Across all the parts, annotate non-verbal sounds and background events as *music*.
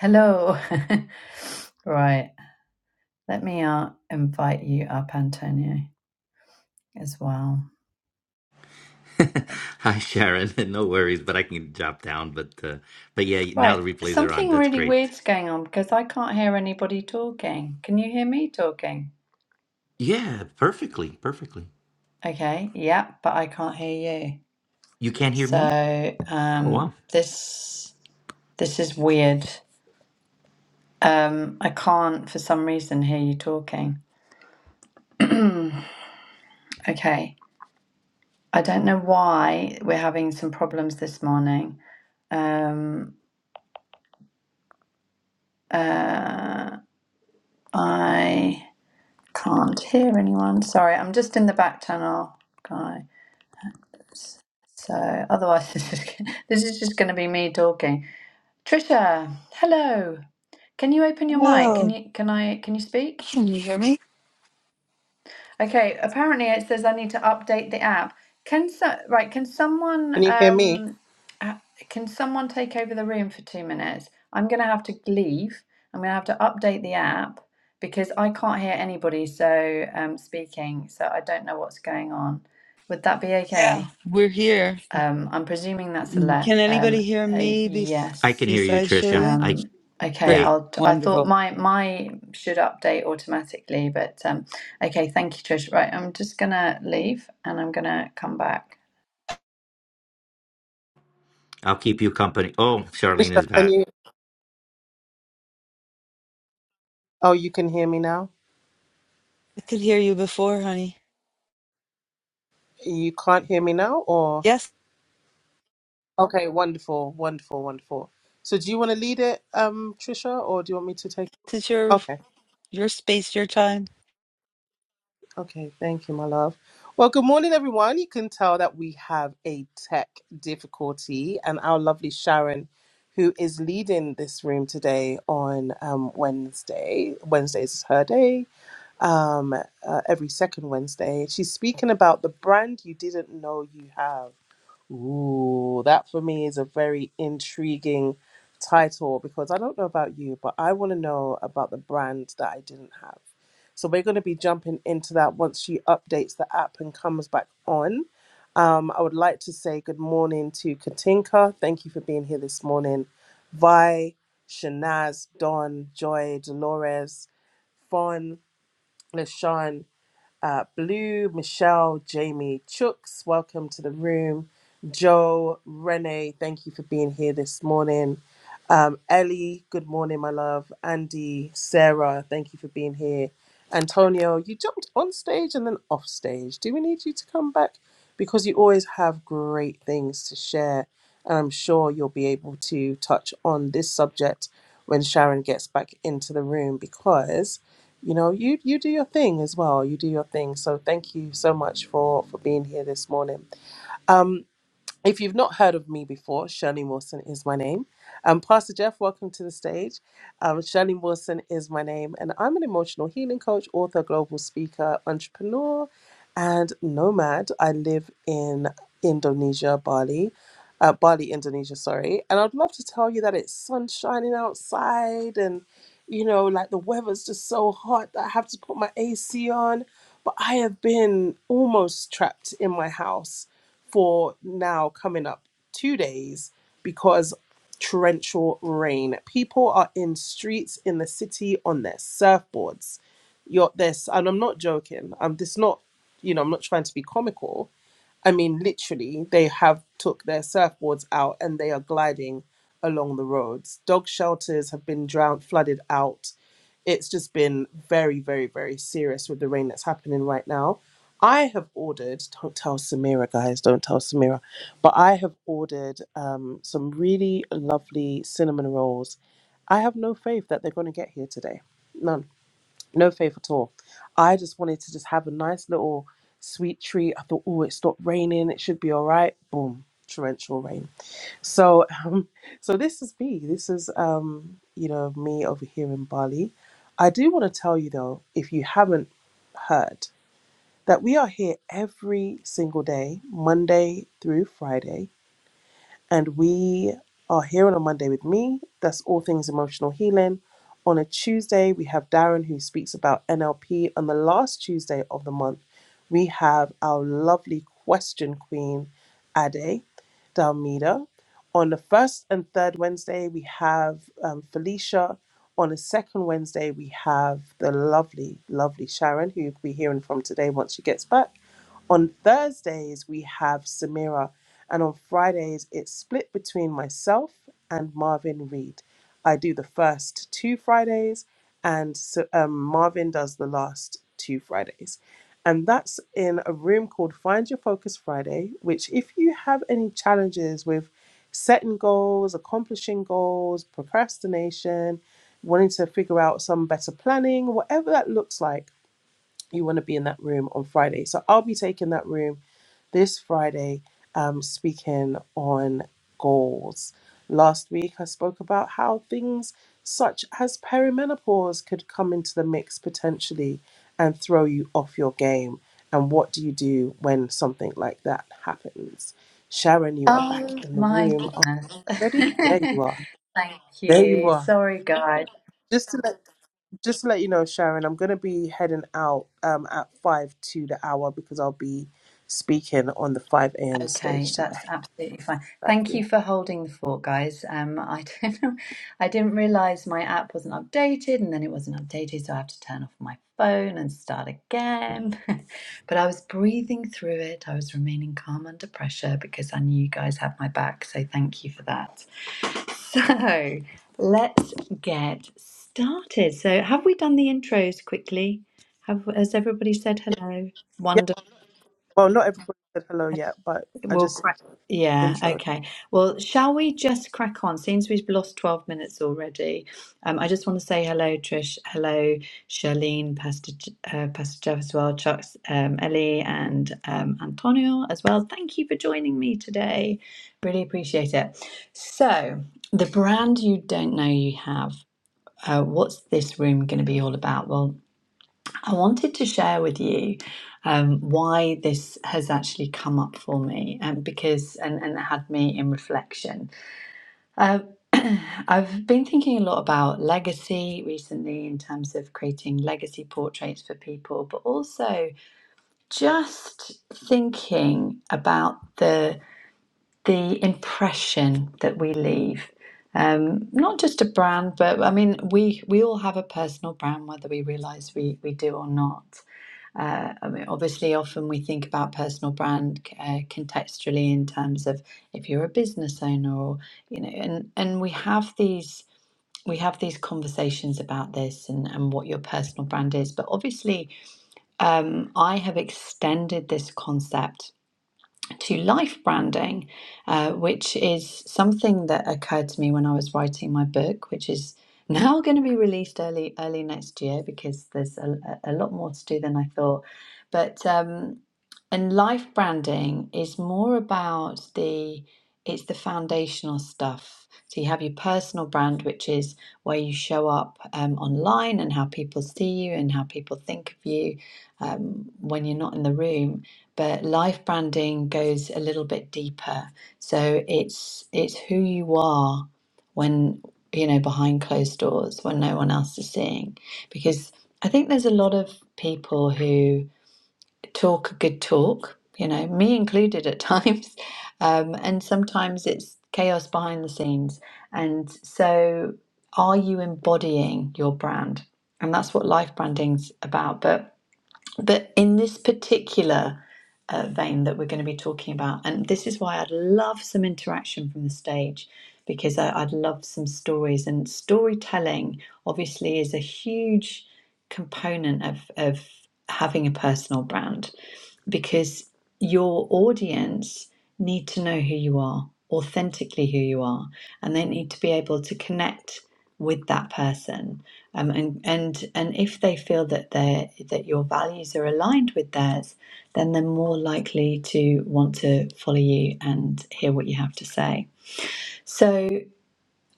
Hello. *laughs* right. Let me uh, invite you up, Antonio, as well. *laughs* Okay. Hi, Sharon. *laughs* No worries, but I can drop down. But uh, but yeah, now the Right. replays are on. Something That's really great. weird's going on because I can't hear anybody talking. Can you hear me talking? Yeah, perfectly, perfectly. Okay. Yeah, but I can't hear you. You can't hear me? So Oh um, wow. this this is weird. Um, I can't for some reason hear you talking. *clears throat* okay. I don't know why we're having some problems this morning. Um, uh, I can't hear anyone. Sorry, I'm just in the back channel, guys. So otherwise, *laughs* this is this is just going to be me talking. Trisha, hello. Can you open your mic? Can Oh, you can I can you speak? can you hear me? Okay, apparently it says I need to update the app. Can so right, can someone Can you hear me? um uh, can someone take over the room for two minutes? I'm gonna have to leave. I'm gonna have to update the app because I can't hear anybody so um speaking, so I don't know what's going on. Would that be Yeah, okay? we're here. Um I'm presuming that's a Mm, let Can um anybody hear a me be- I yes. can hear you, besides Tricia. Shirley? Um, I okay, yeah. Great, I'll. T- I thought wonderful. my my should update automatically, but um, okay. Thank you, Trish. Right, I'm just gonna leave and I'm gonna come back. I'll keep you company. Oh, Charlene Michelle, is can back. you? Oh, you can hear me now? I could hear you before, honey. You can't hear me now, or? Yes, Okay, wonderful, wonderful, wonderful. So, do you want to lead it, um, Trisha, or do you want me to take? it's your Okay, your space, your time. okay, thank you, my love. Well, good morning, everyone. You can tell that we have a tech difficulty, and our lovely Sharon, who is leading this room today on um, Wednesday. Wednesdays is her day. Um, uh, every second Wednesday, she's speaking about the brand you didn't know you have. Ooh, that for me is a very intriguing title because I don't know about you, but I want to know about the brand that I didn't have. So we're going to be jumping into that once she updates the app and comes back on. Um, I would like to say good morning to Katinka. Thank you for being here this morning. Vi, Shanaz, Don, Joy, Dolores, Fawn, Lashawn uh, Blue, Michelle, Jamie, Chooks, welcome to the room. Joe, Renee, thank you for being here this morning. Um, Ellie, good morning, my love. Andy, Sarah, thank you for being here. Antonio, you jumped on stage and then off stage. Do we need you to come back? Because you always have great things to share. And I'm sure you'll be able to touch on this subject when Sharon gets back into the room because you know you you do your thing as well you do your thing so thank you so much for for being here this morning Um, if you've not heard of me before, Shirley Mawson is my name. Um, Pastor Jeff, welcome to the stage. Um, Shirley Mawson is my name, and I'm an emotional healing coach, author, global speaker, entrepreneur, and nomad. I live in Indonesia, Bali, uh, Bali, Indonesia, sorry. And I'd love to tell you that it's sun shining outside, and you know, like the weather's just so hot that I have to put my AC on. But I have been almost trapped in my house for now coming up two days because torrential rain. People are in streets in the city on their surfboards. You're this, and I'm not joking. I'm this not, you know, I'm not trying to be comical I mean, literally, they have took their surfboards out and they are gliding along the roads. Dog shelters have been drowned, flooded out. It's just been very, very, very serious with the rain that's happening right now. I have ordered, don't tell Samira, guys, don't tell Samira, but I have ordered um, some really lovely cinnamon rolls. I have no faith that they're going to get here today. None no faith at all. I just wanted to just have a nice little sweet treat. I thought, oh, it stopped raining. It should be all right. Boom, torrential rain. So, *laughs* um, so this is me. This is, um, you know, me over here in Bali. I do want to tell you though, if you haven't heard, that we are here every single day, Monday through Friday and we are here on a Monday with me. That's all things emotional healing. On a Tuesday, we have Darren who speaks about NLP. On the last Tuesday of the month, we have our lovely question queen, Ade Dalmida. On the first and third Wednesday, we have um, Felicia. On the second Wednesday, we have the lovely, lovely Sharon, who you'll be hearing from today once she gets back. On Thursdays, we have Samira, and on Fridays, it's split between myself and Marvin Reed. I do the first two Fridays, and so, um, Marvin does the last two Fridays. And that's in a room called Find Your Focus Friday, which, if you have any challenges with setting goals, accomplishing goals, procrastination, wanting to figure out some better planning, whatever that looks like, you want to be in that room on Friday. So I'll be taking that room this Friday, um, speaking on goals. Last week I spoke about how things such as perimenopause could come into the mix potentially and throw you off your game. And what do you do when something like that happens? Sharon, you are Oh back in the my room. Are goodness! you ready? There *laughs* you are. Thank There you you. are. Sorry, guys. Just to let just to let you know, Sharon, I'm going to be heading out um, at 5 to the hour because I'll be speaking on the 5 a.m. Okay, stage that's today. absolutely fine. Thank Thank you you. for holding the fort, guys. Um, I *laughs* don't know, I didn't realize my app wasn't updated, and then it wasn't updated, so I have to turn off my phone and start again. *laughs* But I was breathing through it. I was remaining calm under pressure because I knew you guys had my back. So thank you for that. So let's get started. So have we done the intros quickly? Have has everybody said hello? Yeah. Well, not everybody said hello yet, but I We'll just crack. Yeah, introed. okay. Well, shall we just crack on? Seems we've lost 12 minutes already. Um, I just want to say hello, Trish. Hello, Charlene, Pastor, J- uh, Pastor Jeff as well, Chuck, um, Ellie, and um, Antonio as well. Thank you for joining me today. Really appreciate it. So, the brand you don't know you have, uh, what's this room going to be all about? Well, I wanted to share with you um, why this has actually come up for me, and because and and it had me in reflection. Uh, *clears throat* I've been thinking a lot about legacy recently in terms of creating legacy portraits for people, but also just thinking about the the impression that we leave. Um, not just a brand, but I mean, we we all have a personal brand, whether we realize we we do or not. Uh, I mean, obviously, often we think about personal brand uh, contextually in terms of if you're a business owner, or you know, and and we have these we have these conversations about this and and what your personal brand is. But obviously, um, I have extended this concept to life branding, uh, which is something that occurred to me when I was writing my book, which is *laughs* now going to be released early early next year because there's a, a lot more to do than I thought. But um, and life branding is more about the it's the foundational stuff. So you have your personal brand, which is where you show up um, online and how people see you and how people think of you um, when you're not in the room but life branding goes a little bit deeper so it's it's who you are when you know behind closed doors when no one else is seeing because i think there's a lot of people who talk a good talk you know me included at *laughs* times um, and sometimes it's chaos behind the scenes and so are you embodying your brand and that's what life branding's about but but in this particular uh, vein that we're going to be talking about, and this is why I'd love some interaction from the stage because I, I'd love some stories. And storytelling obviously is a huge component of, of having a personal brand because your audience need to know who you are, authentically who you are, and they need to be able to connect with that person um, and, and and if they feel that they that your values are aligned with theirs, then they're more likely to want to follow you and hear what you have to say. So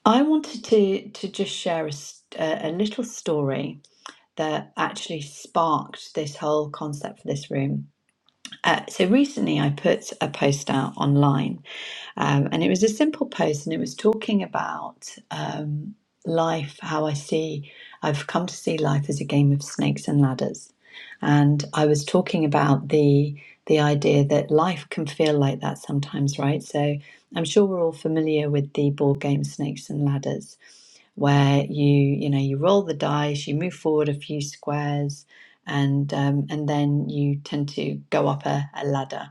I wanted to to just share a, s- a a little story that actually sparked this whole concept for this room. Uh, so recently, I put a post out online um, and it was a simple post, and it was talking about um, life, how I see, I've come to see life as a game of snakes and ladders. And I was talking about the the idea that life can feel like that sometimes, right? So I'm sure we're all familiar with the board game Snakes and Ladders, where you you know you roll the dice, you move forward a few squares, and um, and then you tend to go up a, a ladder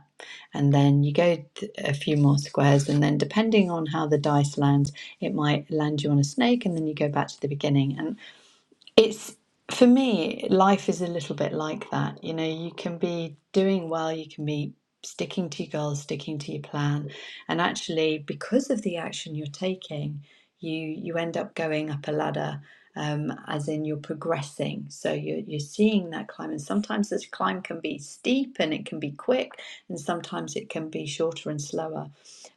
and then you go a few more squares and then depending on how the dice lands it might land you on a snake and then you go back to the beginning And it's for me, life is a little bit like that. You know, you can be doing well, you can be sticking to your goals, sticking to your plan, and actually, because of the action you're taking, you you end up going up a ladder. Um, as in, you're progressing, so you're you're seeing that climb, and sometimes this climb can be steep and it can be quick, and sometimes it can be shorter and slower.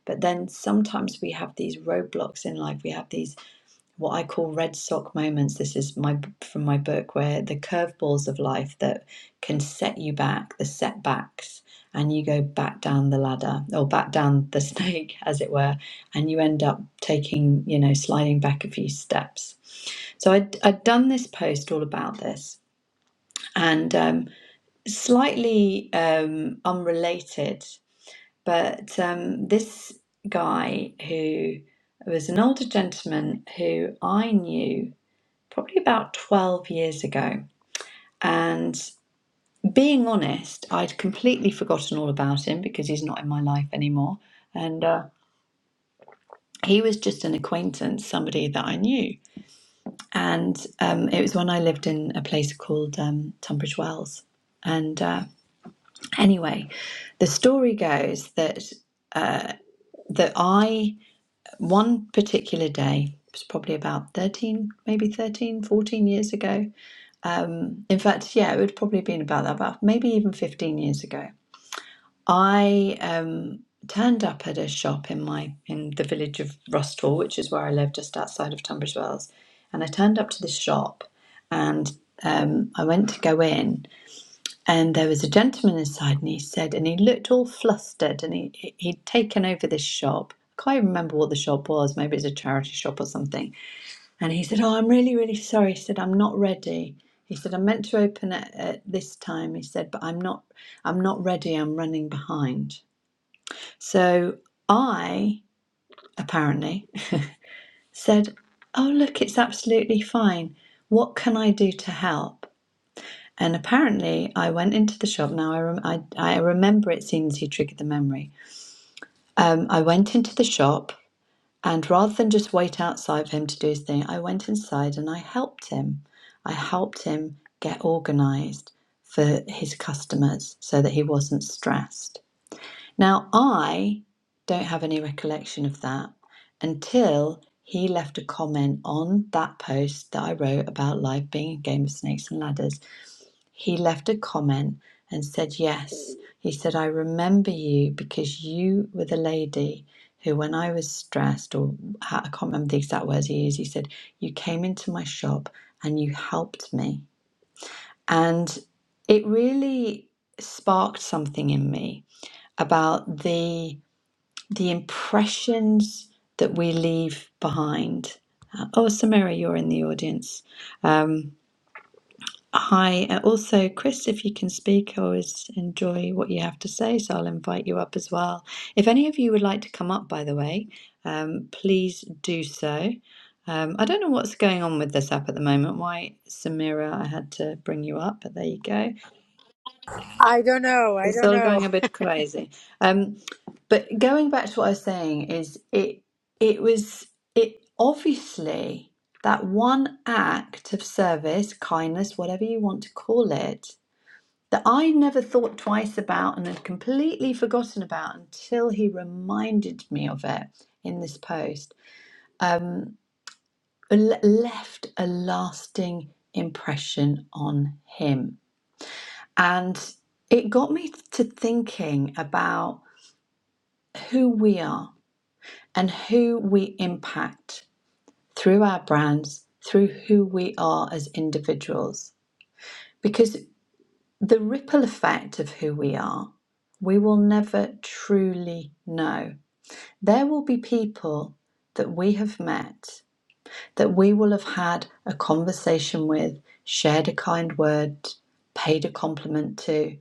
But then sometimes we have these roadblocks in life. We have these what I call red sock moments. This is my from my book where the curveballs of life that can set you back, the setbacks, and you go back down the ladder or back down the *laughs* snake, as it were, and you end up taking, you know, sliding back a few steps. So I'd, I'd done this post all about this and um, slightly um, unrelated, but um, this guy who was an older gentleman who I knew probably about 12 years ago. And being honest, I'd completely forgotten all about him because he's not in my life anymore. And uh, he was just an acquaintance, somebody that I knew. And um, it was when I lived in a place called um, Tunbridge Wells. And uh, anyway, the story goes that that I one particular day it was probably about 13 maybe 13, 14 years ago Um, in fact, yeah, it would probably have been about that, about maybe even 15 years ago. I um, turned up at a shop in my in the village of Rustall, which is where I live, just outside of Tunbridge Wells. And I turned up to this shop, and um, I went to go in, and there was a gentleman inside, and he said, and he looked all flustered, and he he- would taken over this shop. I Can't even remember what the shop was. Maybe it's a charity shop or something and he said, Oh, I'm really, really sorry. He said, I'm not ready. He said, I meant to open it at this time. He said, but I'm not I'm not ready. I'm running behind. So I apparently said, Oh look, it's absolutely fine. What can I do to help? And apparently, I went into the shop. Now, I, rem- I, I remember it seems he triggered the memory. Um, I went into the shop And rather than just wait outside for him to do his thing, I went inside and I helped him. I helped him get organized for his customers so that he wasn't stressed. Now, I don't have any recollection of that until he left a comment on that post that I wrote about life being a game of snakes and ladders he left a comment and said, Yes. He said, I remember you because you were the lady who, when I was stressed, or I can't remember the exact words he used, he said, You came into my shop and you helped me. And it really sparked something in me about the, the impressions that we leave behind. Uh, oh, Samira, you're in the audience. Um, Hi. Uh, also, Chris, if you can speak, I always enjoy what you have to say, so I'll invite you up as well. If any of you would like to come up, by the way, um, please do so. Um, I don't know what's going on with this app at the moment. Why, Samira, I had to bring you up, but there you go. I don't know. I It's don't all know. going a bit crazy. Um, but going back to what I was saying is it it was it obviously that one act of service, kindness, whatever you want to call it that I never thought twice about and had completely forgotten about until he reminded me of it in this post, um, le- left a lasting impression on him. And it got me to thinking about who we are and who we impact through our brands, through who we are as individuals. because. the ripple effect of who we are, we will never truly know. There will be people that we have met, that we will have had a conversation with, shared a kind word, paid a compliment to,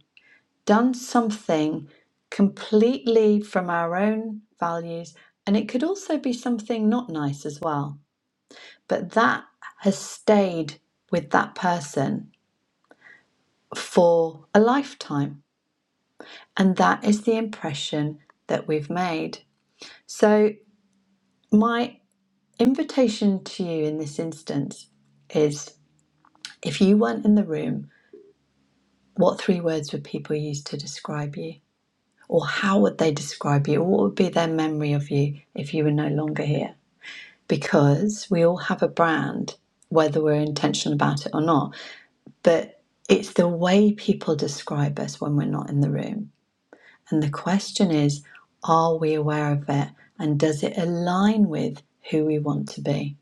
done something completely from our own values, and it could also be something not nice as well. But that has stayed with that person for a lifetime And that is the impression that we've made. So, my invitation to you in this instance is if you weren't in the room, what three words would people use to describe you? Or how would they describe you? Or what would be their memory of you if you were no longer here? Because we all have a brand, whether we're intentional about it or not. But it's the way people describe us when we're not in the room And the question is, are we aware of it? And does it align with who we want to be?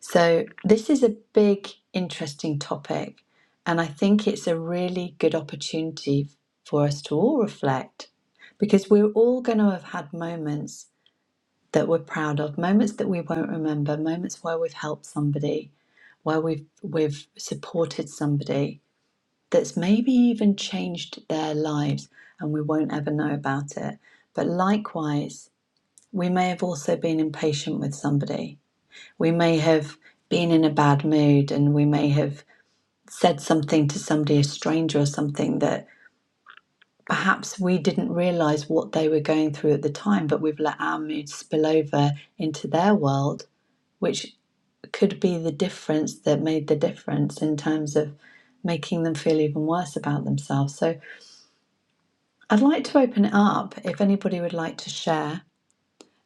So, this is a big, interesting topic. And I think it's a really good opportunity for us to all reflect because we're all going to have had moments that we're proud of, moments that we won't remember, moments where we've helped somebody, where we've, we've supported somebody that's maybe even changed their lives and we won't ever know about it. But likewise, we may have also been impatient with somebody. We may have been in a bad mood and we may have said something to somebody, a stranger or something, that perhaps we didn't realize what they were going through at the time, but we've let our mood spill over into their world, which could be the difference that made the difference in terms of making them feel even worse about themselves. So I'd like to open it up if anybody would like to share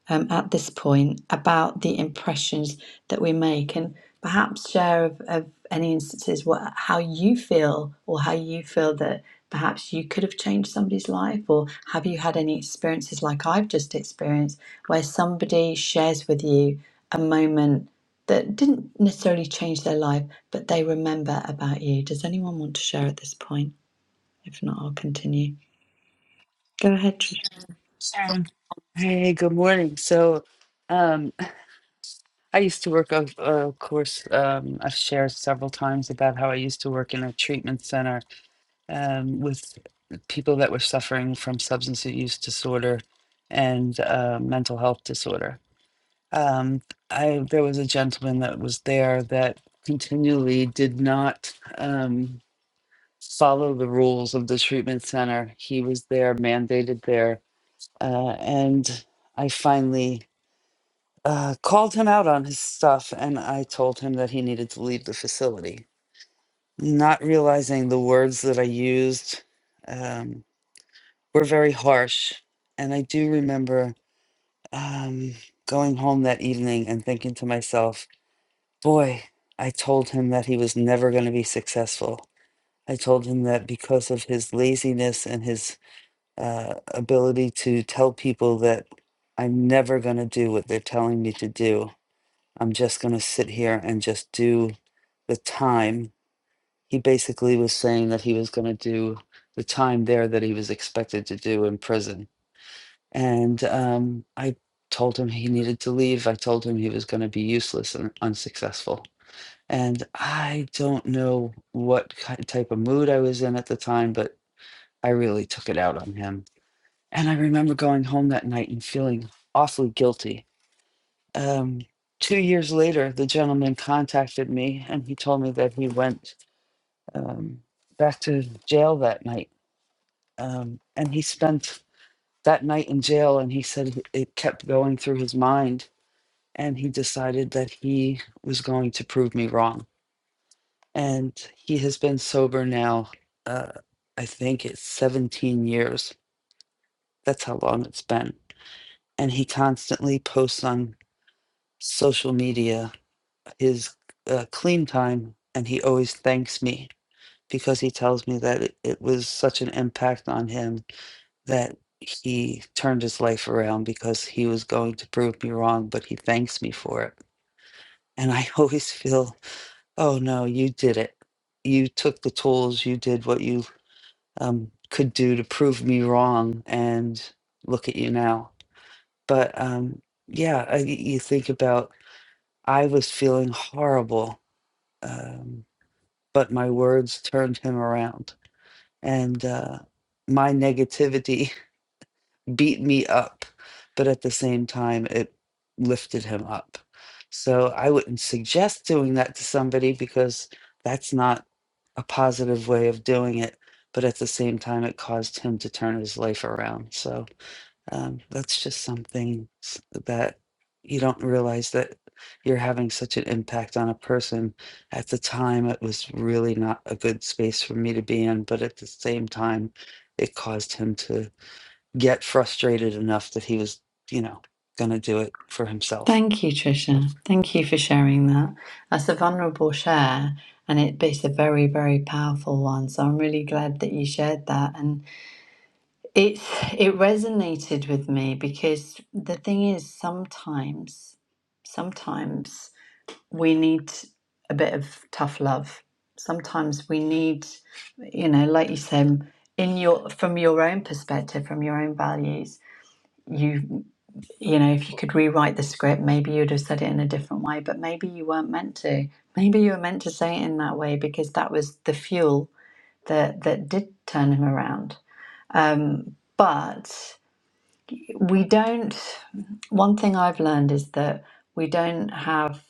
um, at this point about the impressions that we make and perhaps share of, of any instances what, how you feel or how you feel that perhaps you could have changed somebody's life or have you had any experiences like I've just experienced where somebody shares with you a moment that didn't necessarily change their life but they remember about you. Does anyone want to share at this point? If not, I'll continue. Go ahead, Sharon. Hey, good morning. So, um, I used to work, of, of course, um, I've shared several times about how I used to work in a treatment center um, with people that were suffering from substance use disorder and uh, mental health disorder. Um, I there was a gentleman that was there that continually did not um, follow the rules of the treatment center. He was there, mandated there, uh, and I finally uh, called him out on his stuff, and I told him that he needed to leave the facility. Not realizing the words that I used um, were very harsh, and I do remember um, going home that evening and thinking to myself Boy, I told him that he was never going to be successful. I told him that because of his laziness and his uh, ability to tell people that I'm never going to do what they're telling me to do, I'm just going to sit here and just do the time. He basically was saying that he was going to do the time there that he was expected to do in prison. And um, I told him he needed to leave. I told him he was going to be useless and unsuccessful and I don't know what ki type of mood I was in at the time, but I really took it out on him. And I remember going home that night and feeling awfully guilty. Um, two years later, the gentleman contacted me and he told me that he went um, back to jail that night. Um, and he spent that night in jail and he said it it kept going through his mind. And he decided that he was going to prove me wrong and he has been sober now uh i think it's 17 years that's how long it's been and he constantly posts on social media his uh, clean time and he always thanks me because he tells me that it, it was such an impact on him that he turned his life around because he was going to prove me wrong but he thanks me for it and i *laughs* always feel oh no you did it you took the tools you did what you um, could do to prove me wrong. And look at you now. But um, yeah, I, you think about I was feeling horrible, um, but my words turned him around. And uh, my negativity beat me up, but at the same time, it lifted him up. So I wouldn't suggest doing that to somebody because that's not a positive way of doing it. But at the same time, it caused him to turn his life around. So um, that's just something s- that you don't realize that you're having such an impact on a person. At the time, it was really not a good space for me to be in. But at the same time, it caused him to get frustrated enough that he was, you know, going to do it for himself. Thank you, So Trisha. Thank you for sharing that. That's a vulnerable share, and it, it's a very, very powerful one. So I'm really glad that you shared that, and it's it resonated with me because the thing is, sometimes, sometimes we need a bit of tough love. Sometimes we need, you know, like you said, in your from your own perspective, from your own values. you you know, if you could rewrite the script, maybe you'd have said it in a different way, but maybe you weren't meant to. Maybe you were meant to say it in that way because that was the fuel that that did turn him around. Um, but we don't. One thing I've learned is that we don't have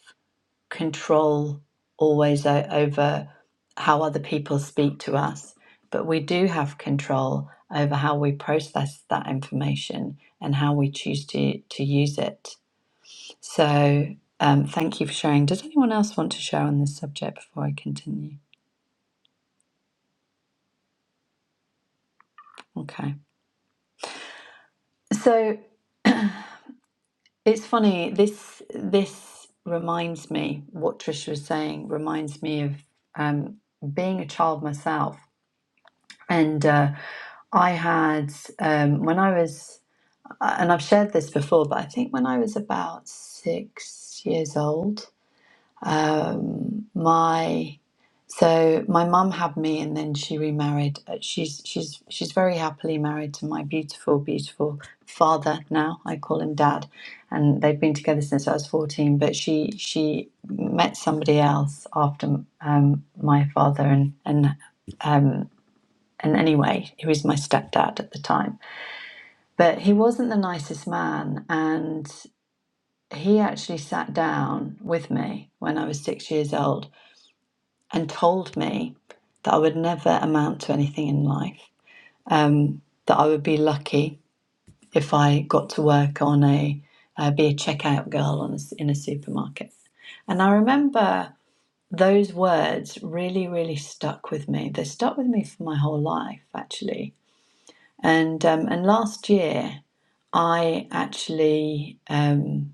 control always o- over how other people speak to us, but we do have control over how we process that information and how we choose to to use it so um, thank you for sharing. Did anyone else want to share on this subject before I continue? Okay. So it's funny. This this reminds me what Trisha was saying. Reminds me of um, being a child myself, and uh, I had um, when I was, and I've shared this before, but I think when I was about six years old, Um, my so my mum had me, and then she remarried. Uh, She's she's she's very happily married to my beautiful, beautiful father now. I call him dad, and they've been together since I was fourteen. But she she met somebody else after um, my father, and and um, and anyway, he was my stepdad at the time. But he wasn't the nicest man, and he actually sat down with me when I was six years old and told me that I would never amount to anything in life, um, that I would be lucky if I got to work on a, uh, be a checkout girl on a s in a supermarket. And I remember those words really, really stuck with me. They stuck with me for my whole life, actually. And um, and last year, I actually um,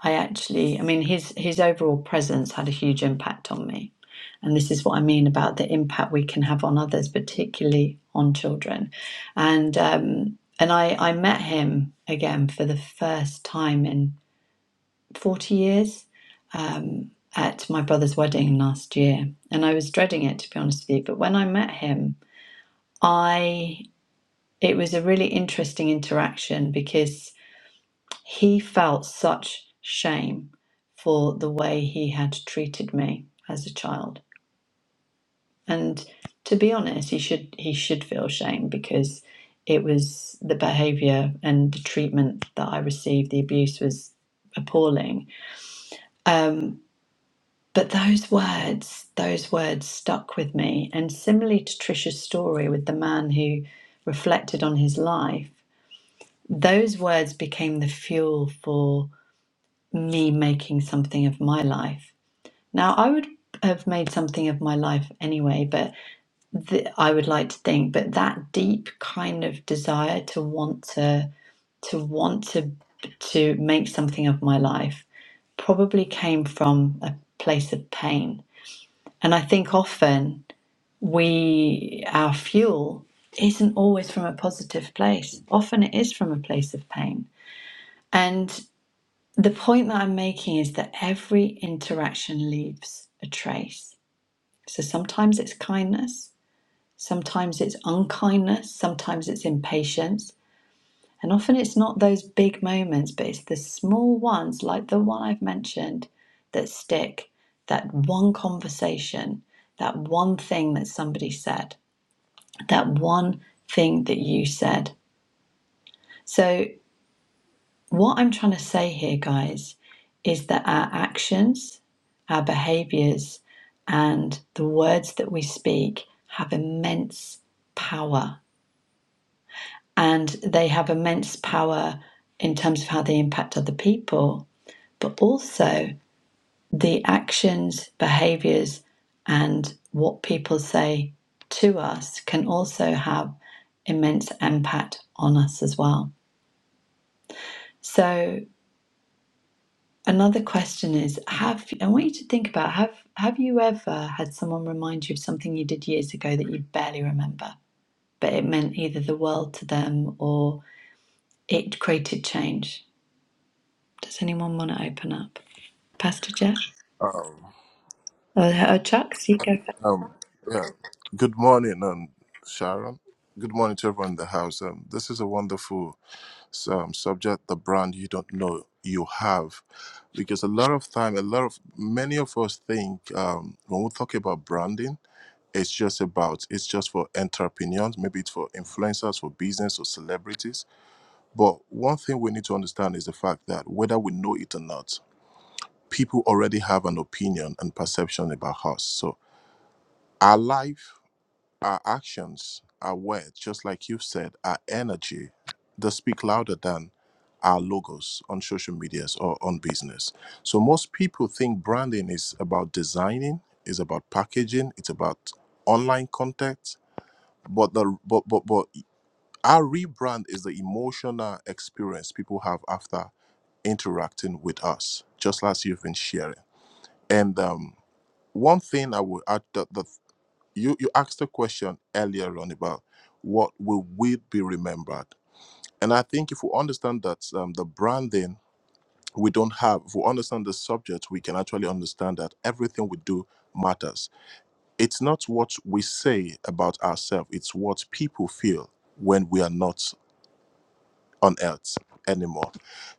I actually, I mean, his his overall presence had a huge impact on me, and this is what I mean about the impact we can have on others, particularly on children, and um, and I I met him again for the first time in forty years um, at my brother's wedding last year, and I was dreading it to be honest with you, but when I met him, I it was a really interesting interaction because. He felt such shame for the way he had treated me as a child. And to be honest, he should he should feel shame because it was the behavior and the treatment that I received, the abuse was appalling. Um, but those words, those words stuck with me. And similarly to Trisha's story with the man who reflected on his life, those words became the fuel for me making something of my life Now, I would have made something of my life anyway, but th- I would like to think, but that deep kind of desire to want to to want to to make something of my life probably came from a place of pain. And I think often we our fuel isn't always from a positive place. Often it is from a place of pain. And the point that I'm making is that every interaction leaves a trace So sometimes it's kindness, sometimes it's unkindness, sometimes it's impatience, and often it's not those big moments, but it's the small ones like the one I've mentioned that stick. That one conversation, that one thing that somebody said, that one thing that you said. So What I'm trying to say here, guys, is that our actions, our behaviors, and the words that we speak have immense power. And they have immense power in terms of how they impact other people, but also the actions, behaviors, and what people say to us can also have immense impact on us as well. So Another question is have I want you to think about have have you ever had someone remind you of something you did years ago that you barely remember but it meant either the world to them or it created change does anyone want to open up Pastor Jeff or, or Chuck so you go first Yeah. Good morning, um, Sharon. Good morning to everyone in the house. Um, this is a wonderful um, subject, the brand you don't know you have. Because a lot of time, a lot of, many of us think um, when we talk about branding, it's just about, it's just for entrepreneurs, maybe it's for influencers, for business or celebrities. But one thing we need to understand is the fact that whether we know it or not, people already have an opinion and perception about us. So our life our actions, our words, just like you've said, our energy, they speak louder than our logos on social medias or on business. So most people think branding is about designing, is about packaging, it's about online content. But the but but but our rebrand is the emotional experience people have after interacting with us, just as you've been sharing. And um, one thing I would add, the, the you you asked a question earlier on about what will we be remembered and i think if we understand that um, the branding we don't have if we understand the subject we can actually understand that everything we do matters it's not what we say about ourselves it's what people feel when we are not on earth anymore.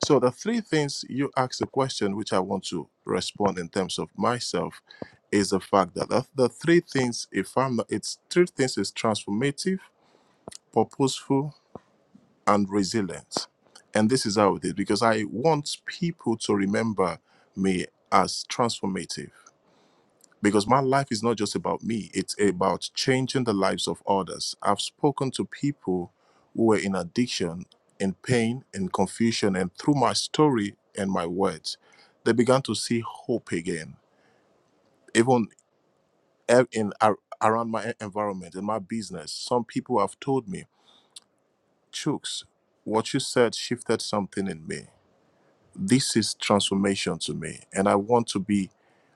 So the three things you asked the question, which I want to respond in terms of myself, is the fact that the, the three things, if I'm not, it's three things is transformative, purposeful, and resilient. And this is how it is because I want people to remember me as transformative because my life is not just about me it's about changing the lives of others i've spoken to people who were in addiction in pain in confusion and through my story and my words they began to see hope again even a- in ar- around my environment in my business some people have told me chooks what you said shifted something in me This is transformation to me, and I want to be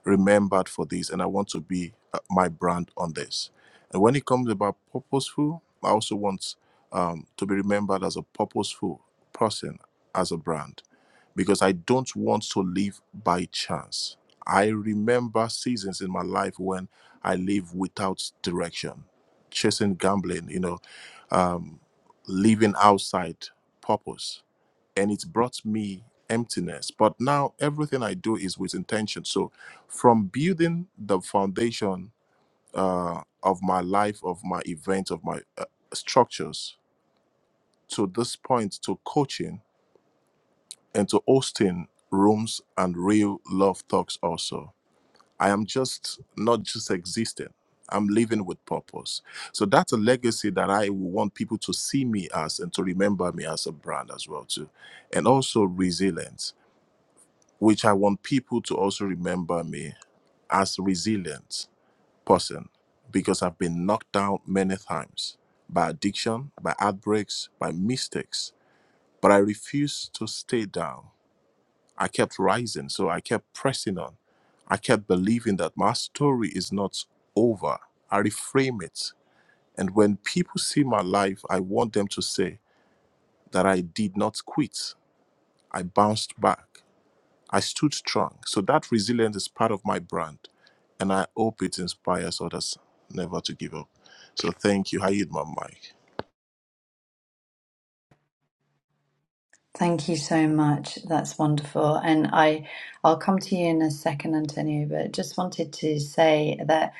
remembered for this, and I want to be uh, my brand on this. And when it comes about purposeful, I also want um, to be remembered as a purposeful person, as a brand, because I don't want to live by chance. I remember seasons in my life when I live without direction, chasing gambling, you know, um, living outside purpose and it's brought me emptiness. But now everything I do is with intention. So from building the foundation uh, of my life, of my events, of my uh, structures to this point, to coaching and to hosting rooms and real love talks also. I am just not just existing. I'm living with purpose. So that's a legacy that I want people to see me as and to remember me as a brand as well too. And also resilience which I want people to also remember me as a resilient person because I've been knocked down many times by addiction, by outbreaks, by mistakes, but I refused to stay down. I kept rising, so I kept pressing on. I kept believing that my story is not over. I reframe it. And when people see my life, I want them to say that I did not quit. I bounced back. I stood strong. So that resilience is part of my brand. And I hope it inspires others never to give up. So thank you. I yield my mic. thank you so much that's wonderful and I I'll come to you in a second Antonio but just wanted to say that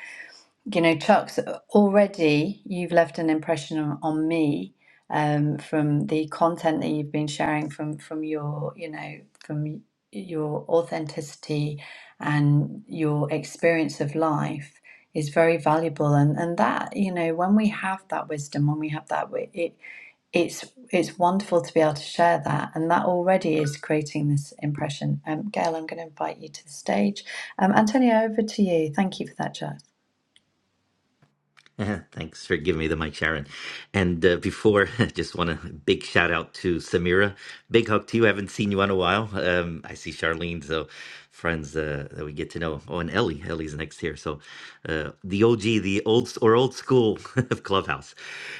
you know, Chuck's already you've left an impression on, on me um, from the content that you've been sharing from from your you know from your authenticity and your experience of life is very valuable and and that you know when we have that wisdom when we have that wi- it it's it's wonderful to be able to share that and that already is creating this impression um gail i'm going to invite you to the stage um antonio over to you thank you for that Chuck. Eh, Thanks for giving me the mic, Sharon. And uh, before, *laughs* I just want a big shout out to Samira. Big hug to you. I haven't seen you in a while. Um, I see Charlene, so friends uh, that we get to know. Oh, and Ellie. Ellie's next here. So uh, the OG, the old or old school *laughs* of Clubhouse.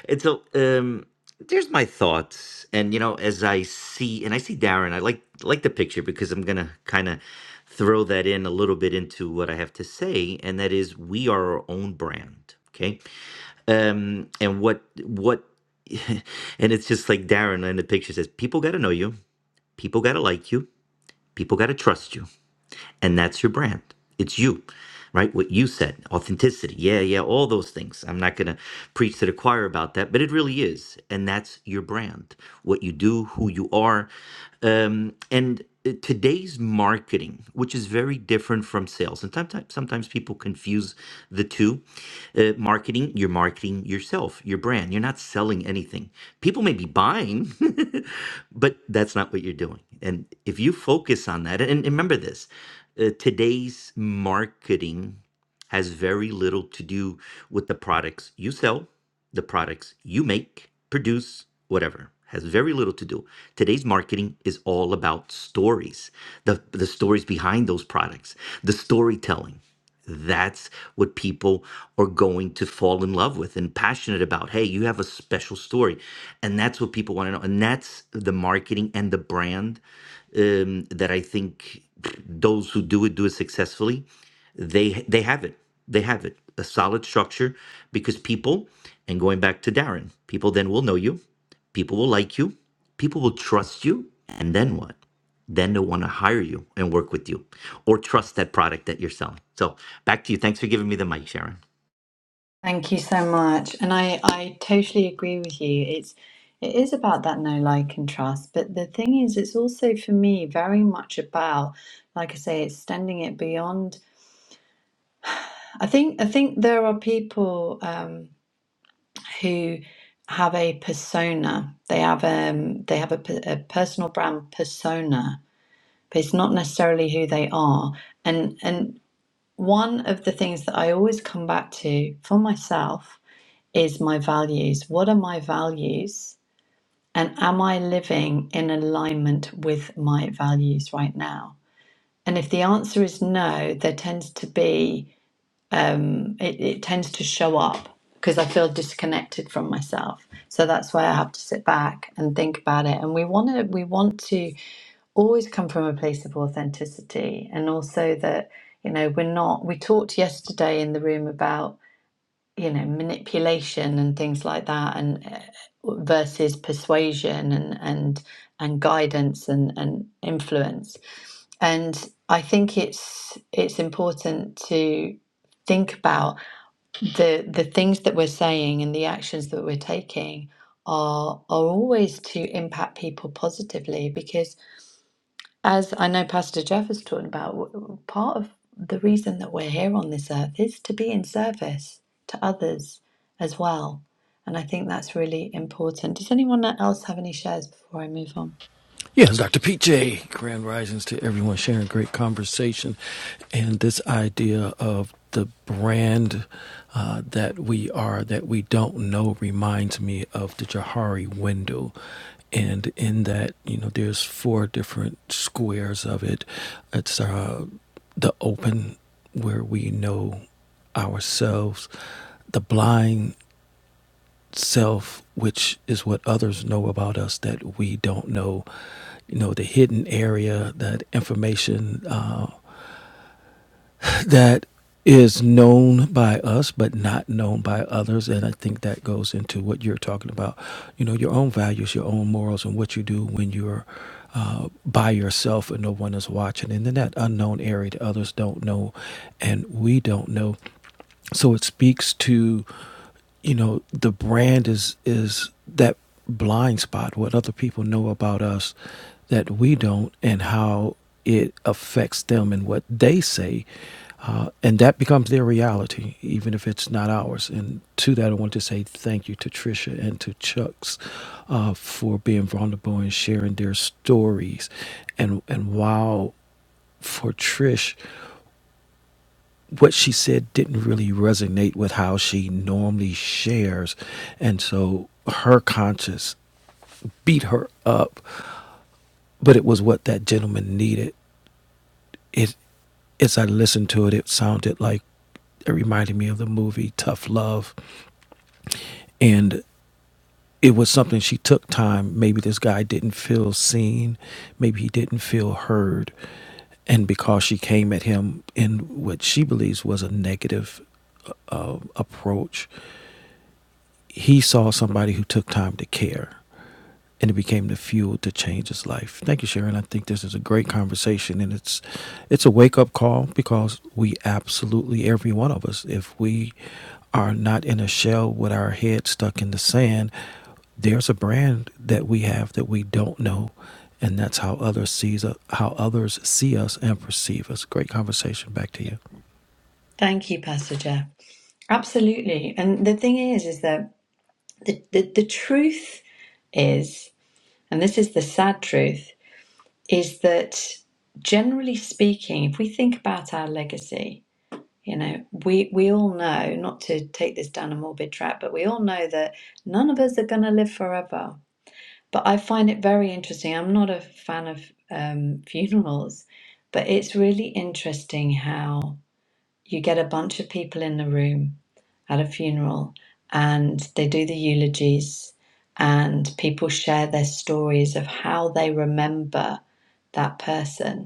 And so um, there's my thoughts. And you know, as I see, and I see Darren, I like like the picture because I'm gonna kind of throw that in a little bit into what I have to say, and that is we are our own brand. Okay um and what what *laughs* and it's just like darren in the picture says people got to know you people got to like you people got to trust you and that's your brand. It's you, right? What you said, authenticity. Yeah, yeah, all those things. I'm not going to preach to the choir about that, but it really is. And that's your brand, what you do, who you are. Um, and uh, today's marketing, which is very different from sales, and sometimes, sometimes people confuse the two. Uh, marketing, you're marketing yourself, your brand. You're not selling anything. People may be buying, *laughs* but that's not what you're doing. And if you focus on that, and and remember this uh, today's marketing has very little to do with the products you sell, the products you make, produce, whatever. Has very little to do. Today's marketing is all about stories, the, the stories behind those products, the storytelling. That's what people are going to fall in love with and passionate about. Hey, you have a special story. And that's what people want to know. And that's the marketing and the brand um, that I think those who do it do it successfully they they have it they have it a solid structure because people and going back to darren people then will know you people will like you people will trust you and then what then they'll want to hire you and work with you or trust that product that you're selling so back to you thanks for giving me the mic sharon Thank you so much. And I, I totally agree with you. It's it is about that no like and trust, but the thing is it's also for me very much about, like I say, extending it beyond I think I think there are people um, who have a persona. They have um they have a, pe- a personal brand persona, but it's not necessarily who they are. And and one of the things that I always come back to for myself is my values. What are my values? And am I living in alignment with my values right now? And if the answer is no, there tends to be, um, it, it tends to show up because I feel disconnected from myself. So that's why I have to sit back and think about it. And we want to, we want to always come from a place of authenticity and also that, you know, we're not, we talked yesterday in the room about you know, manipulation and things like that, and uh, uh, versus persuasion and and and guidance and and influence. And I think it's it's important to think about the the things that we're saying and the actions that we're taking are are always to impact people positively because. As I know Pastor Jeff is talking about, w- part of the reason that we're here on this earth is to be in service to others as well. And I think that's really important. Does anyone else have any shares before I move on? Yes, Dr. PJ, grand risings to everyone sharing great conversation and this idea of the brand uh, that we are, that we don't know, reminds me of the Jahari window. And in that, you know, there's four different squares of it. It's uh, the open, where we know ourselves, the blind self, which is what others know about us that we don't know. You know, the hidden area, that information uh, that is known by us but not known by others. And I think that goes into what you're talking about. You know, your own values, your own morals, and what you do when you're uh, by yourself and no one is watching. And then that unknown area that others don't know and we don't know so it speaks to you know the brand is is that blind spot what other people know about us that we don't and how it affects them and what they say uh, and that becomes their reality even if it's not ours and to that i want to say thank you to trisha and to chucks uh, for being vulnerable and sharing their stories and and wow for trish what she said didn't really resonate with how she normally shares. And so her conscience beat her up, but it was what that gentleman needed. It, as I listened to it, it sounded like it reminded me of the movie Tough Love. And it was something she took time. Maybe this guy didn't feel seen, maybe he didn't feel heard. And because she came at him in what she believes was a negative uh, approach, he saw somebody who took time to care and it became the fuel to change his life. Thank you, Sharon. I think this is a great conversation and it's it's a wake up call because we absolutely every one of us, if we are not in a shell with our head stuck in the sand, there's a brand that we have that we don't know and that's how others sees us, how others see us and perceive us. Great conversation. Back to you. Thank you, Pastor Jeff. Absolutely. And the thing is, is that the, the, the truth is, and this is the sad truth, is that generally speaking, if we think about our legacy, You know, we we all know, not to take this down a morbid track, but we all know that none of us are going to live forever. But I find it very interesting. I'm not a fan of um, *laughs* funerals, but it's really interesting how you get a bunch of people in the room at a funeral and they do the eulogies and people share their stories of how they remember that person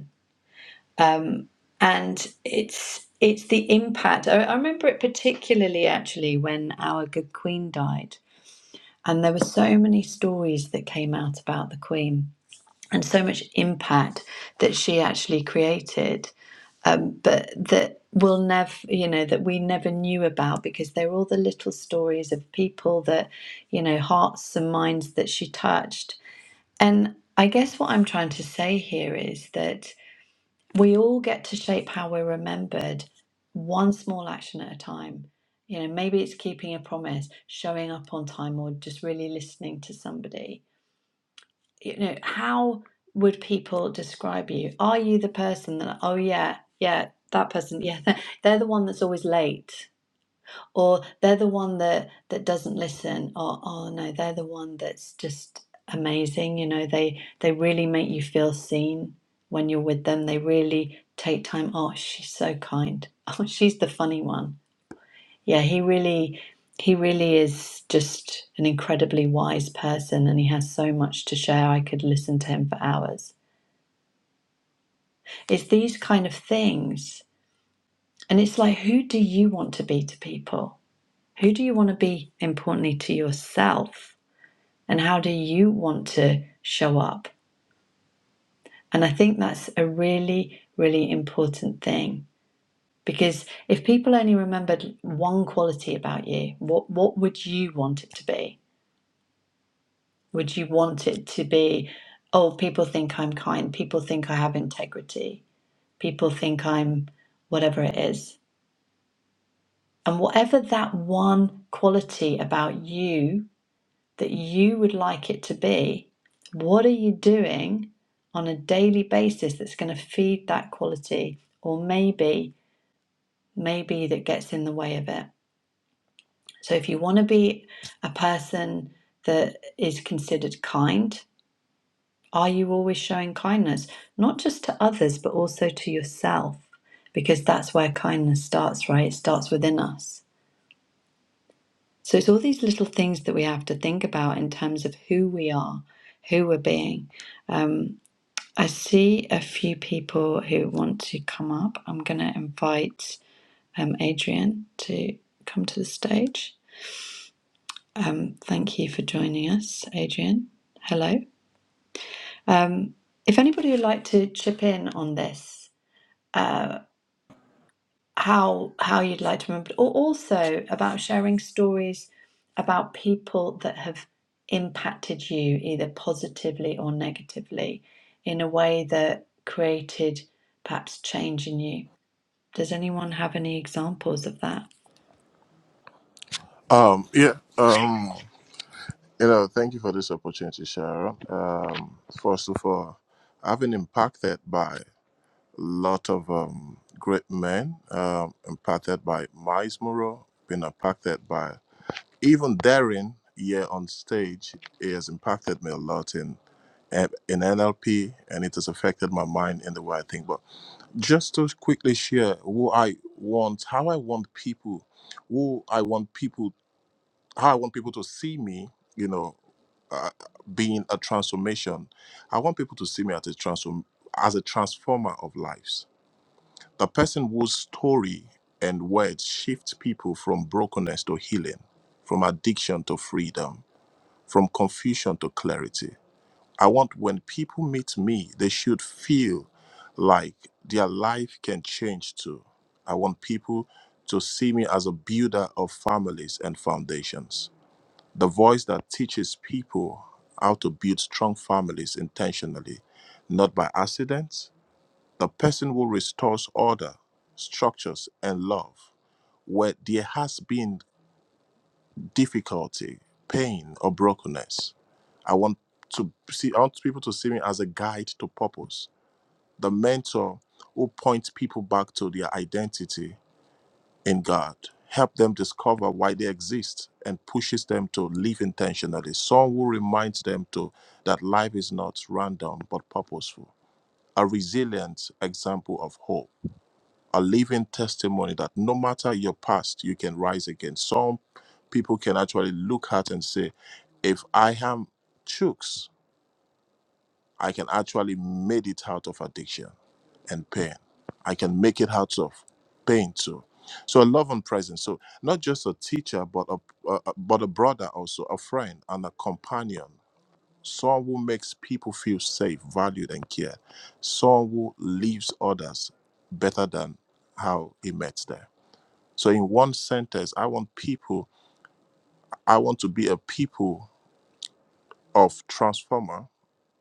and it's it's the impact. I, I remember it particularly actually when our good Queen died, and there were so many stories that came out about the Queen and so much impact that she actually created, um, but that we'll never, you know, that we never knew about because they were all the little stories of people that, you know, hearts and minds that she touched. And I guess what I'm trying to say here is that we all get to shape how we're remembered one small action at a time you know maybe it's keeping a promise showing up on time or just really listening to somebody you know how would people describe you are you the person that oh yeah yeah that person yeah *laughs* they're the one that's always late or they're the one that that doesn't listen or oh no they're the one that's just amazing you know they they really make you feel seen when you're with them they really take time oh she's so kind *laughs* oh she's the funny one yeah he really he really is just an incredibly wise person and he has so much to share i could listen to him for hours it's these kind of things and it's like who do you want to be to people who do you want to be importantly to yourself and how do you want to show up? And I think that's a really, really important thing because if people only remembered one quality about you, what, what would you want it to be? Would you want it to be, oh, people think I'm kind, people think I have integrity, people think I'm whatever it is? And whatever that one quality about you that you would like it to be, what are you doing on a daily basis that's going to feed that quality or maybe maybe that gets in the way of it. So if you want to be a person that is considered kind, are you always showing kindness not just to others but also to yourself? Because that's where kindness starts, right? It starts within us. So it's all these little things that we have to think about in terms of who we are, who we're being. Um, I see a few people who want to come up. I'm going to invite um, Adrian to come to the stage. Um, thank you for joining us, Adrian. Hello. Um, if anybody would like to chip in on this, how how you'd like to remember, or also about sharing stories about people that have impacted you either positively or negatively in a way that created perhaps change in you Does anyone have any examples of that? Um, yeah. Um, you know, thank you for this opportunity, Sharon. Um, first of all, I've been impacted by a lot of um, great men, um, impacted by Miles Moreau, been impacted by even Darren here on stage. He has impacted me a lot in. and in NLP, and it has affected my mind in the way I think. But just to quickly share who I want, how I want people, who I want people, how I want people to see me, you know, uh, being a transformation. I want people to see me as a transform as a transformer of lives. The person whose story and words shift people from brokenness to healing, from addiction to freedom, from confusion to clarity I want when people meet me, they should feel like their life can change too. I want people to see me as a builder of families and foundations, the voice that teaches people how to build strong families intentionally, not by accident, the person who restores order, structures, and love where there has been difficulty, pain, or brokenness. I want to see I want people to see me as a guide to purpose, the mentor who points people back to their identity in God, help them discover why they exist and pushes them to live intentionally. Someone who reminds them to that life is not random but purposeful. A resilient example of hope. A living testimony that no matter your past, you can rise again. Some people can actually look at and say, if I am chooks, I can actually made it out of addiction and pain. I can make it out of pain too. So a love and presence. So not just a teacher, but a uh, but a brother also, a friend and a companion. Someone who makes people feel safe, valued, and cared. Someone who leaves others better than how he met them. So in one sentence, I want people. I want to be a people of transformer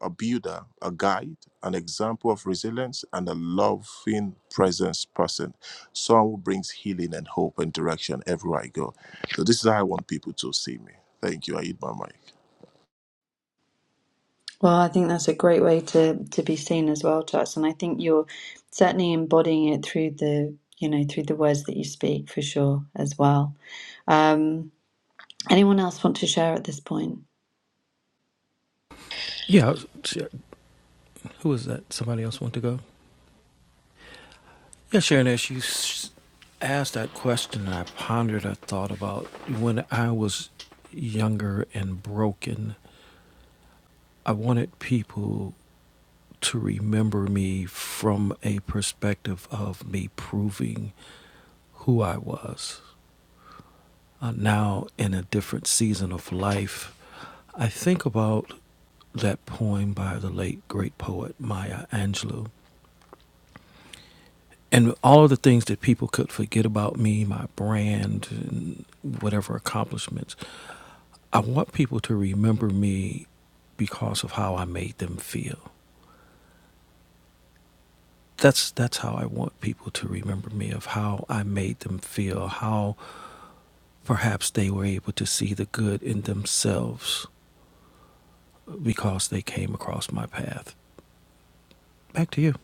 a builder, a guide, an example of resilience, and a loving presence person. Someone who brings healing and hope and direction everywhere I go. So this is how I want people to see me. Thank you. I eat my mic. Well, I think that's a great way to to be seen as well, Charles. And I think you're certainly embodying it through the you know through the words that you speak for sure as well. Um, anyone else want to share at this point? Yeah, Sharon, who was that? Somebody else want to go? Yeah, Sharon, as you s- asked that question, I pondered, I thought about when I was younger and broken, I wanted people to remember me from a perspective of me proving who I was. Uh, now, in a different season of life, I think about that poem by the late great poet Maya Angelou. And all of the things that people could forget about me, my brand, and whatever accomplishments, I want people to remember me because of how I made them feel. That's that's how I want people to remember me of how I made them feel, how perhaps they were able to see the good in themselves because they came across my path. Back to you.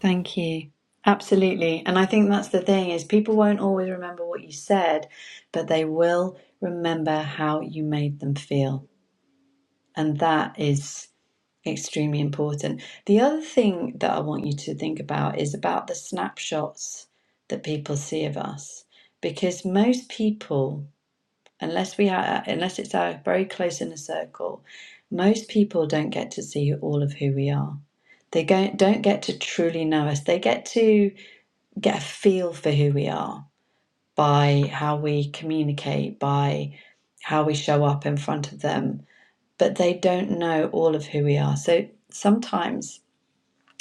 Thank you. Absolutely. And I think that's the thing is people won't always remember what you said, but they will remember how you made them feel. And that is extremely important. The other thing that I want you to think about is about the snapshots that people see of us, because most people, unless we are, unless it's our very close inner circle, most people don't get to see all of who we are. They go- don't get to truly know us. They get to get a feel for who we are by how we communicate, by how we show up in front of them, but they don't know all of who we are. So sometimes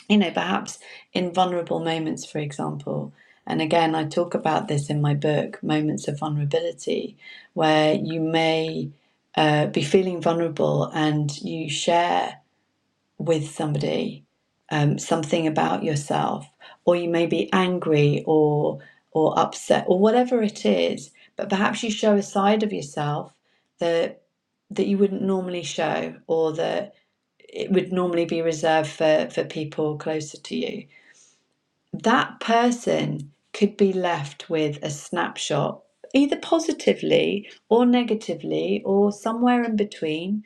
you know, perhaps in vulnerable moments, for example. And again, I talk about this in my book, Moments of Vulnerability, where you may uh, be feeling vulnerable and you share with somebody um, something about yourself, or you may be angry or or upset or whatever it is. But perhaps you show a side of yourself that that you wouldn't normally show, or that it would normally be reserved for for people closer to you that person could be left with a snapshot, either positively or negatively or somewhere in between,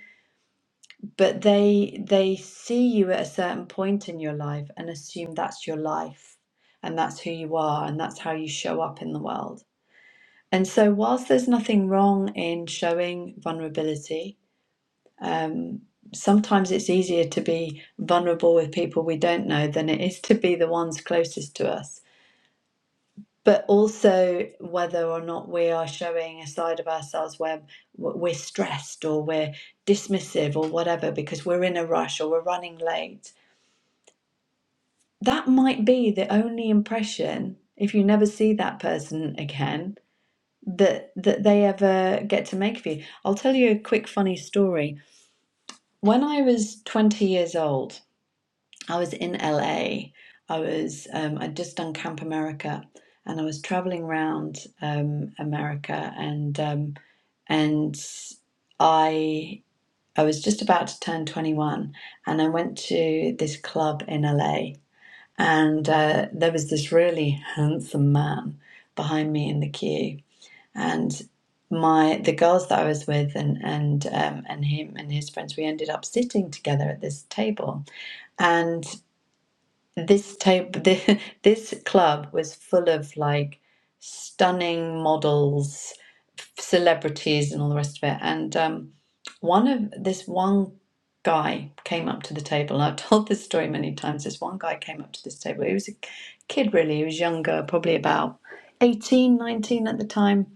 but they they see you at a certain point in your life and assume that's your life and that's who you are and that's how you show up in the world. And so whilst there's nothing wrong in showing vulnerability, um, sometimes it's easier to be vulnerable with people we don't know than it is to be the ones closest to us but also whether or not we are showing a side of ourselves where we're stressed or we're dismissive or whatever because we're in a rush or we're running late. That might be the only impression if you never see that person again that that they ever get to make of you. I'll tell you a quick funny story. When I was 20 years old, I was in LA. I was um, I'd just done Camp America, and I was traveling around um, America, and um, and I I was just about to turn 21, and I went to this club in LA, and uh, there was this really handsome man behind me in the queue, and my the girls that I was with and and um, and him and his friends we ended up sitting together at this table. And this type *laughs* this, this club was full of like stunning models celebrities and all the rest of it and um, one of this one guy came up to the table and i've *laughs* told this story many times this one guy came up to this table he was a kid really he was younger probably about 18, 19 at the time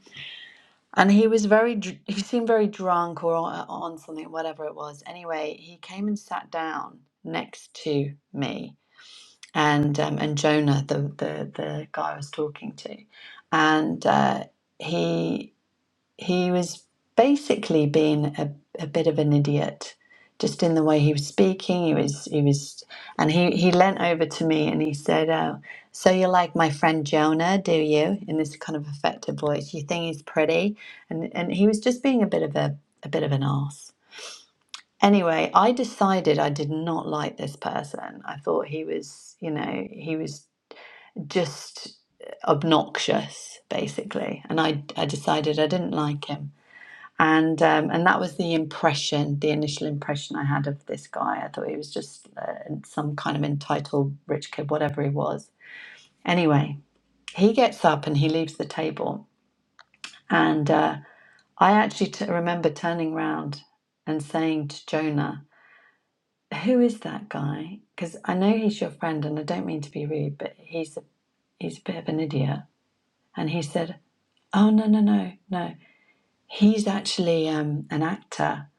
and he was very dr- he seemed very drunk or on, on something whatever it was anyway he came and sat down next to me and um, and Jonah, the, the the guy I was talking to, and uh, he he was basically being a, a bit of an idiot, just in the way he was speaking. He was he was, and he he leant over to me and he said, "Oh, so you like my friend Jonah, do you?" In this kind of affected voice, you think he's pretty, and and he was just being a bit of a a bit of an arse. Anyway, I decided I did not like this person. I thought he was, you know, he was just obnoxious, basically. And I, I decided I didn't like him. And um, and that was the impression, the initial impression I had of this guy. I thought he was just uh, some kind of entitled rich kid, whatever he was. Anyway, he gets up and he leaves the table. And uh, I actually t- remember turning round and saying to Jonah, "Who is that guy? Because I know he's your friend, and I don't mean to be rude, but he's a, he's a bit of an idiot." And he said, Oh no no no no. He's actually um, an actor.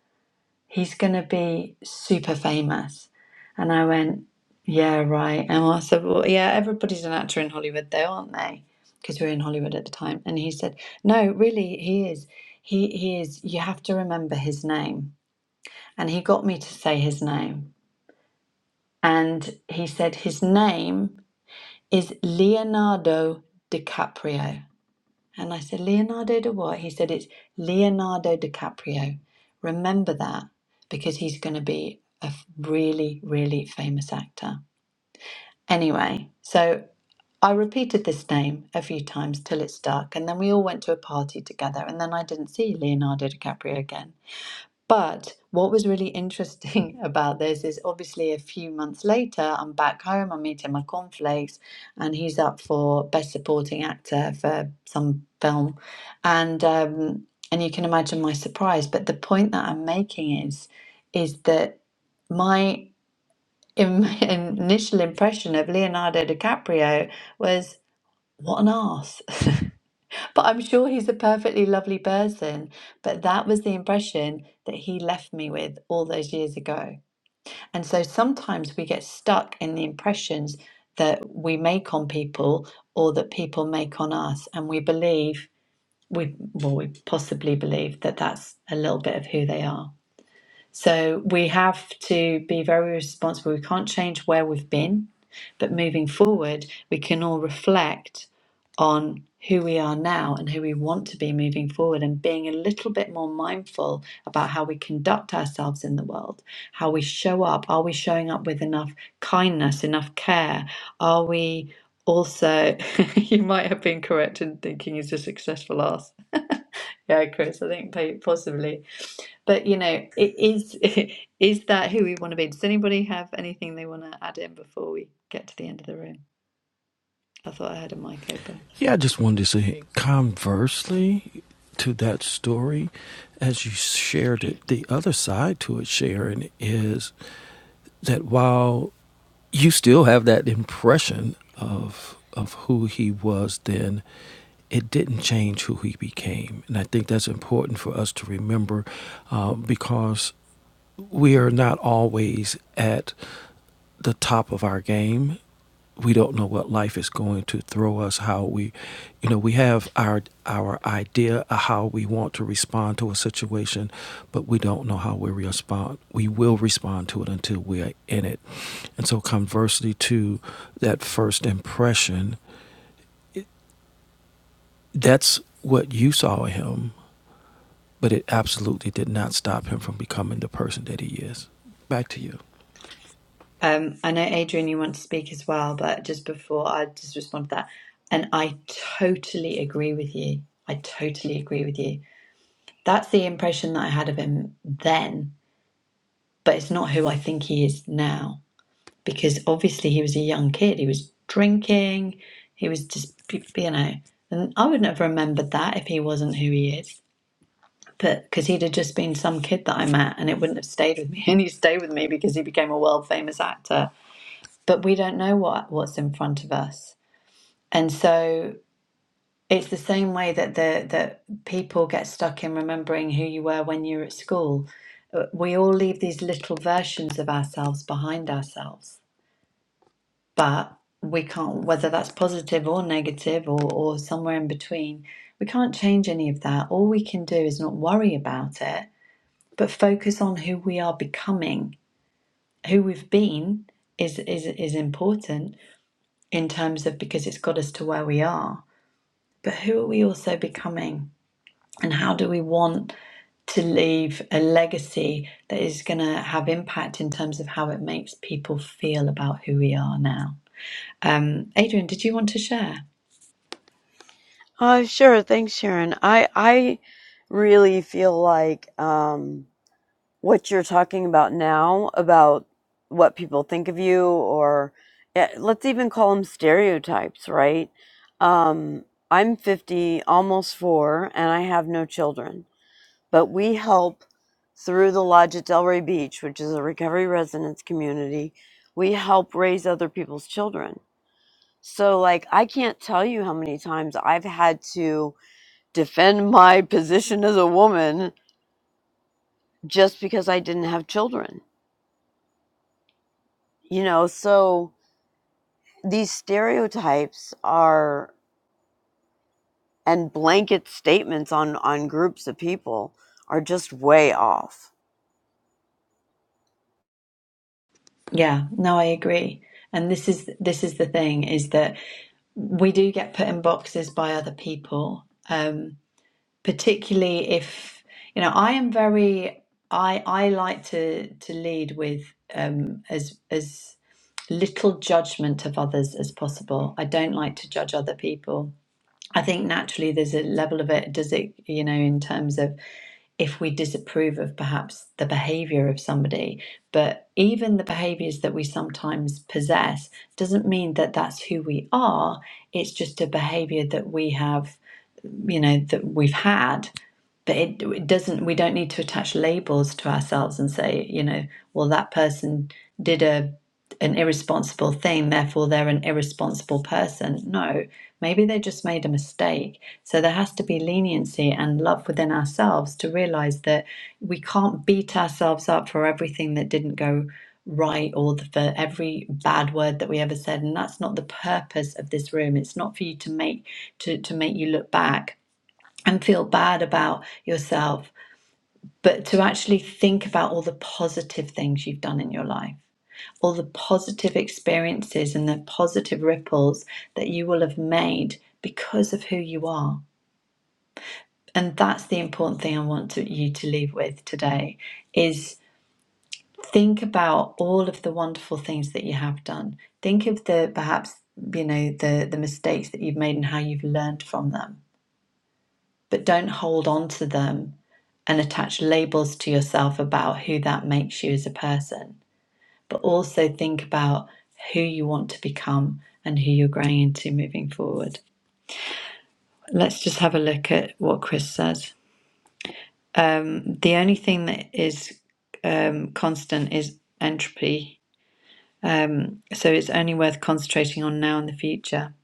He's gonna be super famous. And I went, yeah right. And I said, well yeah, everybody's an actor in Hollywood though, aren't they? Because we were in Hollywood at the time. And he said, no, really, he is. He he is. You have to remember his name. And he got me to say his name. And he said his name is Leonardo DiCaprio. And I said, Leonardo da what? He said, it's Leonardo DiCaprio. Remember that because he's going to be a f- really, really famous actor. Anyway, so I repeated this name a few times till it stuck. And then we all went to a party together. And then I didn't see Leonardo DiCaprio again. But what was really interesting *laughs* about this is obviously a few months later, I'm back home, I'm eating my cornflakes, and he's up for Best Supporting Actor for some film. And um, and you can imagine my surprise. But the point that I'm making is is that my im *laughs* initial impression of Leonardo DiCaprio was what an ass. *laughs* But I'm sure he's a perfectly lovely person. But that was the impression that he left me with all those years ago. And so sometimes we get stuck in the impressions that we make on people or that people make on us. And we believe, we, well, we possibly believe that that's a little bit of who they are. So we have to be very responsible. We can't change where we've been, but moving forward, we can all reflect on who we are now and who we want to be moving forward and being a little bit more mindful about how we conduct ourselves in the world, how we show up. Are we showing up with enough kindness, enough care? Are we also, *laughs* you might have been correct in thinking he's a successful ass. *laughs* Yeah, Chris, I think possibly. But you know, it is *laughs* is that who we want to be? Does anybody have anything they want to add in before we get to the end of the room? I thought I had a mic open. Yeah, I just wanted to say conversely to that story as you shared it, the other side to it, Sharon, is that while you still have that impression of of who he was then. It didn't change who he became, and I think that's important for us to remember uh, because we are not always at the top of our game. We don't know what life is going to throw us. How we, you know, we have our our idea of how we want to respond to a situation, but we don't know how we respond. We will respond to it until we are in it and so, conversely to that first impression, it, that's what you saw in him, but it absolutely did not stop him from becoming the person that he is. Back to you. Um, I know Adrian, you want to speak as well, but just before I just respond to that, and I totally agree with you. I totally agree with you. That's the impression that I had of him then, but it's not who I think he is now because obviously he was a young kid. He was drinking. He was just, you know, and I wouldn't have remembered that if he wasn't who he is. But because he'd have just been some kid that I met and it wouldn't have stayed with me. *laughs* And he stayed with me because he became a world famous actor. But we don't know what, what's in front of us. And so it's the same way that the that people get stuck in remembering who you were when you were at school. Uh, We all leave these little versions of ourselves behind ourselves but we can't whether that's positive or negative or, or somewhere in between we can't change any of that all we can do is not worry about it but focus on who we are becoming who we've been is is is important in terms of because it's got us to where we are but who are we also becoming and how do we want to leave a legacy that is going to have impact in terms of how it makes people feel about who we are now um adrian did you want to share Uh, sure. Thanks, Sharon. I I really feel like um, what you're talking about now about what people think of you, or eh, let's even call them stereotypes, right? Um, I'm 50, almost four, and I have no children, but we help through the Lodge at Delray Beach, which is a recovery residence community. We help raise other people's children. So, like, I can't tell you how many times I've had to defend my position as a woman just because I didn't have children. You know, so these stereotypes are and blanket statements on on groups of people are just way off. Yeah, no, I agree. And this is this is the thing is that we do get put in boxes by other people, um, particularly if you know I am very I I like to to lead with um, as as little judgment of others as possible. I don't like to judge other people. I think naturally there's a level of it. Does it you know in terms of if we disapprove of perhaps the behavior of somebody but even the behaviors that we sometimes possess doesn't mean that that's who we are it's just a behavior that we have you know that we've had but it, it doesn't we don't need to attach labels to ourselves and say you know well that person did a an irresponsible thing, therefore they're an irresponsible person. No, maybe they just made a mistake. So there has to be leniency and love within ourselves to realize that we can't beat ourselves up for everything that didn't go right or the, for every bad word that we ever said. And that's not the purpose of this room. It's not for you to make to, to make you look back and feel bad about yourself, but to actually think about all the positive things you've done in your life all the positive experiences and the positive ripples that you will have made because of who you are. And that's the important thing I want to, you to leave with today is think about all of the wonderful things that you have done. Think of the perhaps you know the the mistakes that you've made and how you've learned from them. But don't hold on to them and attach labels to yourself about who that makes you as a person but also think about who you want to become and who you're growing into moving forward. Let's just have a look at what Chris says. The only thing that is um, constant is entropy, so it's only worth concentrating on now and the future.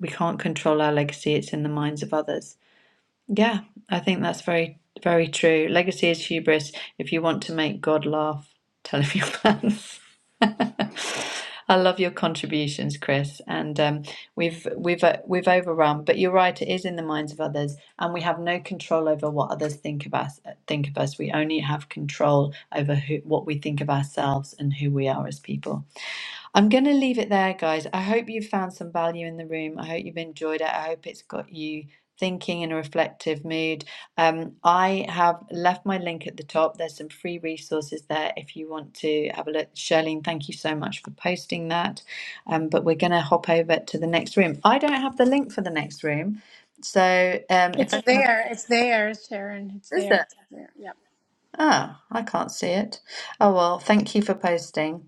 We can't control our legacy, it's in the minds of others. Yeah, I think that's very, very true. Legacy is hubris. If you want to make God laugh, tell him your plans. *laughs* I love your contributions, Chris, and um, we've we've uh, we've overrun. But you're right; it is in the minds of others, and we have no control over what others think of us. Think of us. We only have control over who, what we think of ourselves and who we are as people. I'm going to leave it there, guys. I hope you've found some value in the room. I hope you've enjoyed it. I hope it's got you thinking in a reflective mood. Um, I have left my link at the top. There's some free resources there if you want to have a look. Shirlene, thank you so much for posting that. Um, but we're going to hop over to the next room. I don't have the link for the next room. So um, if It's anyone. there. It's there, Sharon. It's Is there. it? It's there. Yeah. Ah, I can't see it. Oh, well, thank you for posting.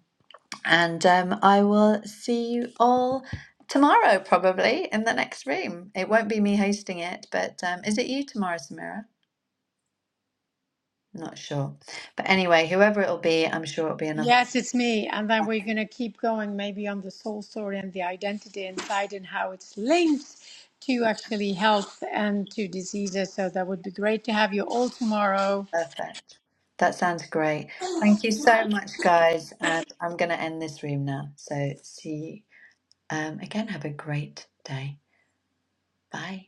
And um, I will see you all tomorrow, probably in the next room. It won't be me hosting it, but um, is it you tomorrow, Samira? Not sure. But anyway, whoever it'll be, I'm sure it'll be another one. Yes, it's me. And then we're going to keep going maybe on the soul story and the identity inside and how it's linked to actually health and to diseases. So that would be great to have you all tomorrow. perfect. That sounds great. Thank you so much, guys. And I'm going to end this room now. So see you um, again. Have a great day. Bye.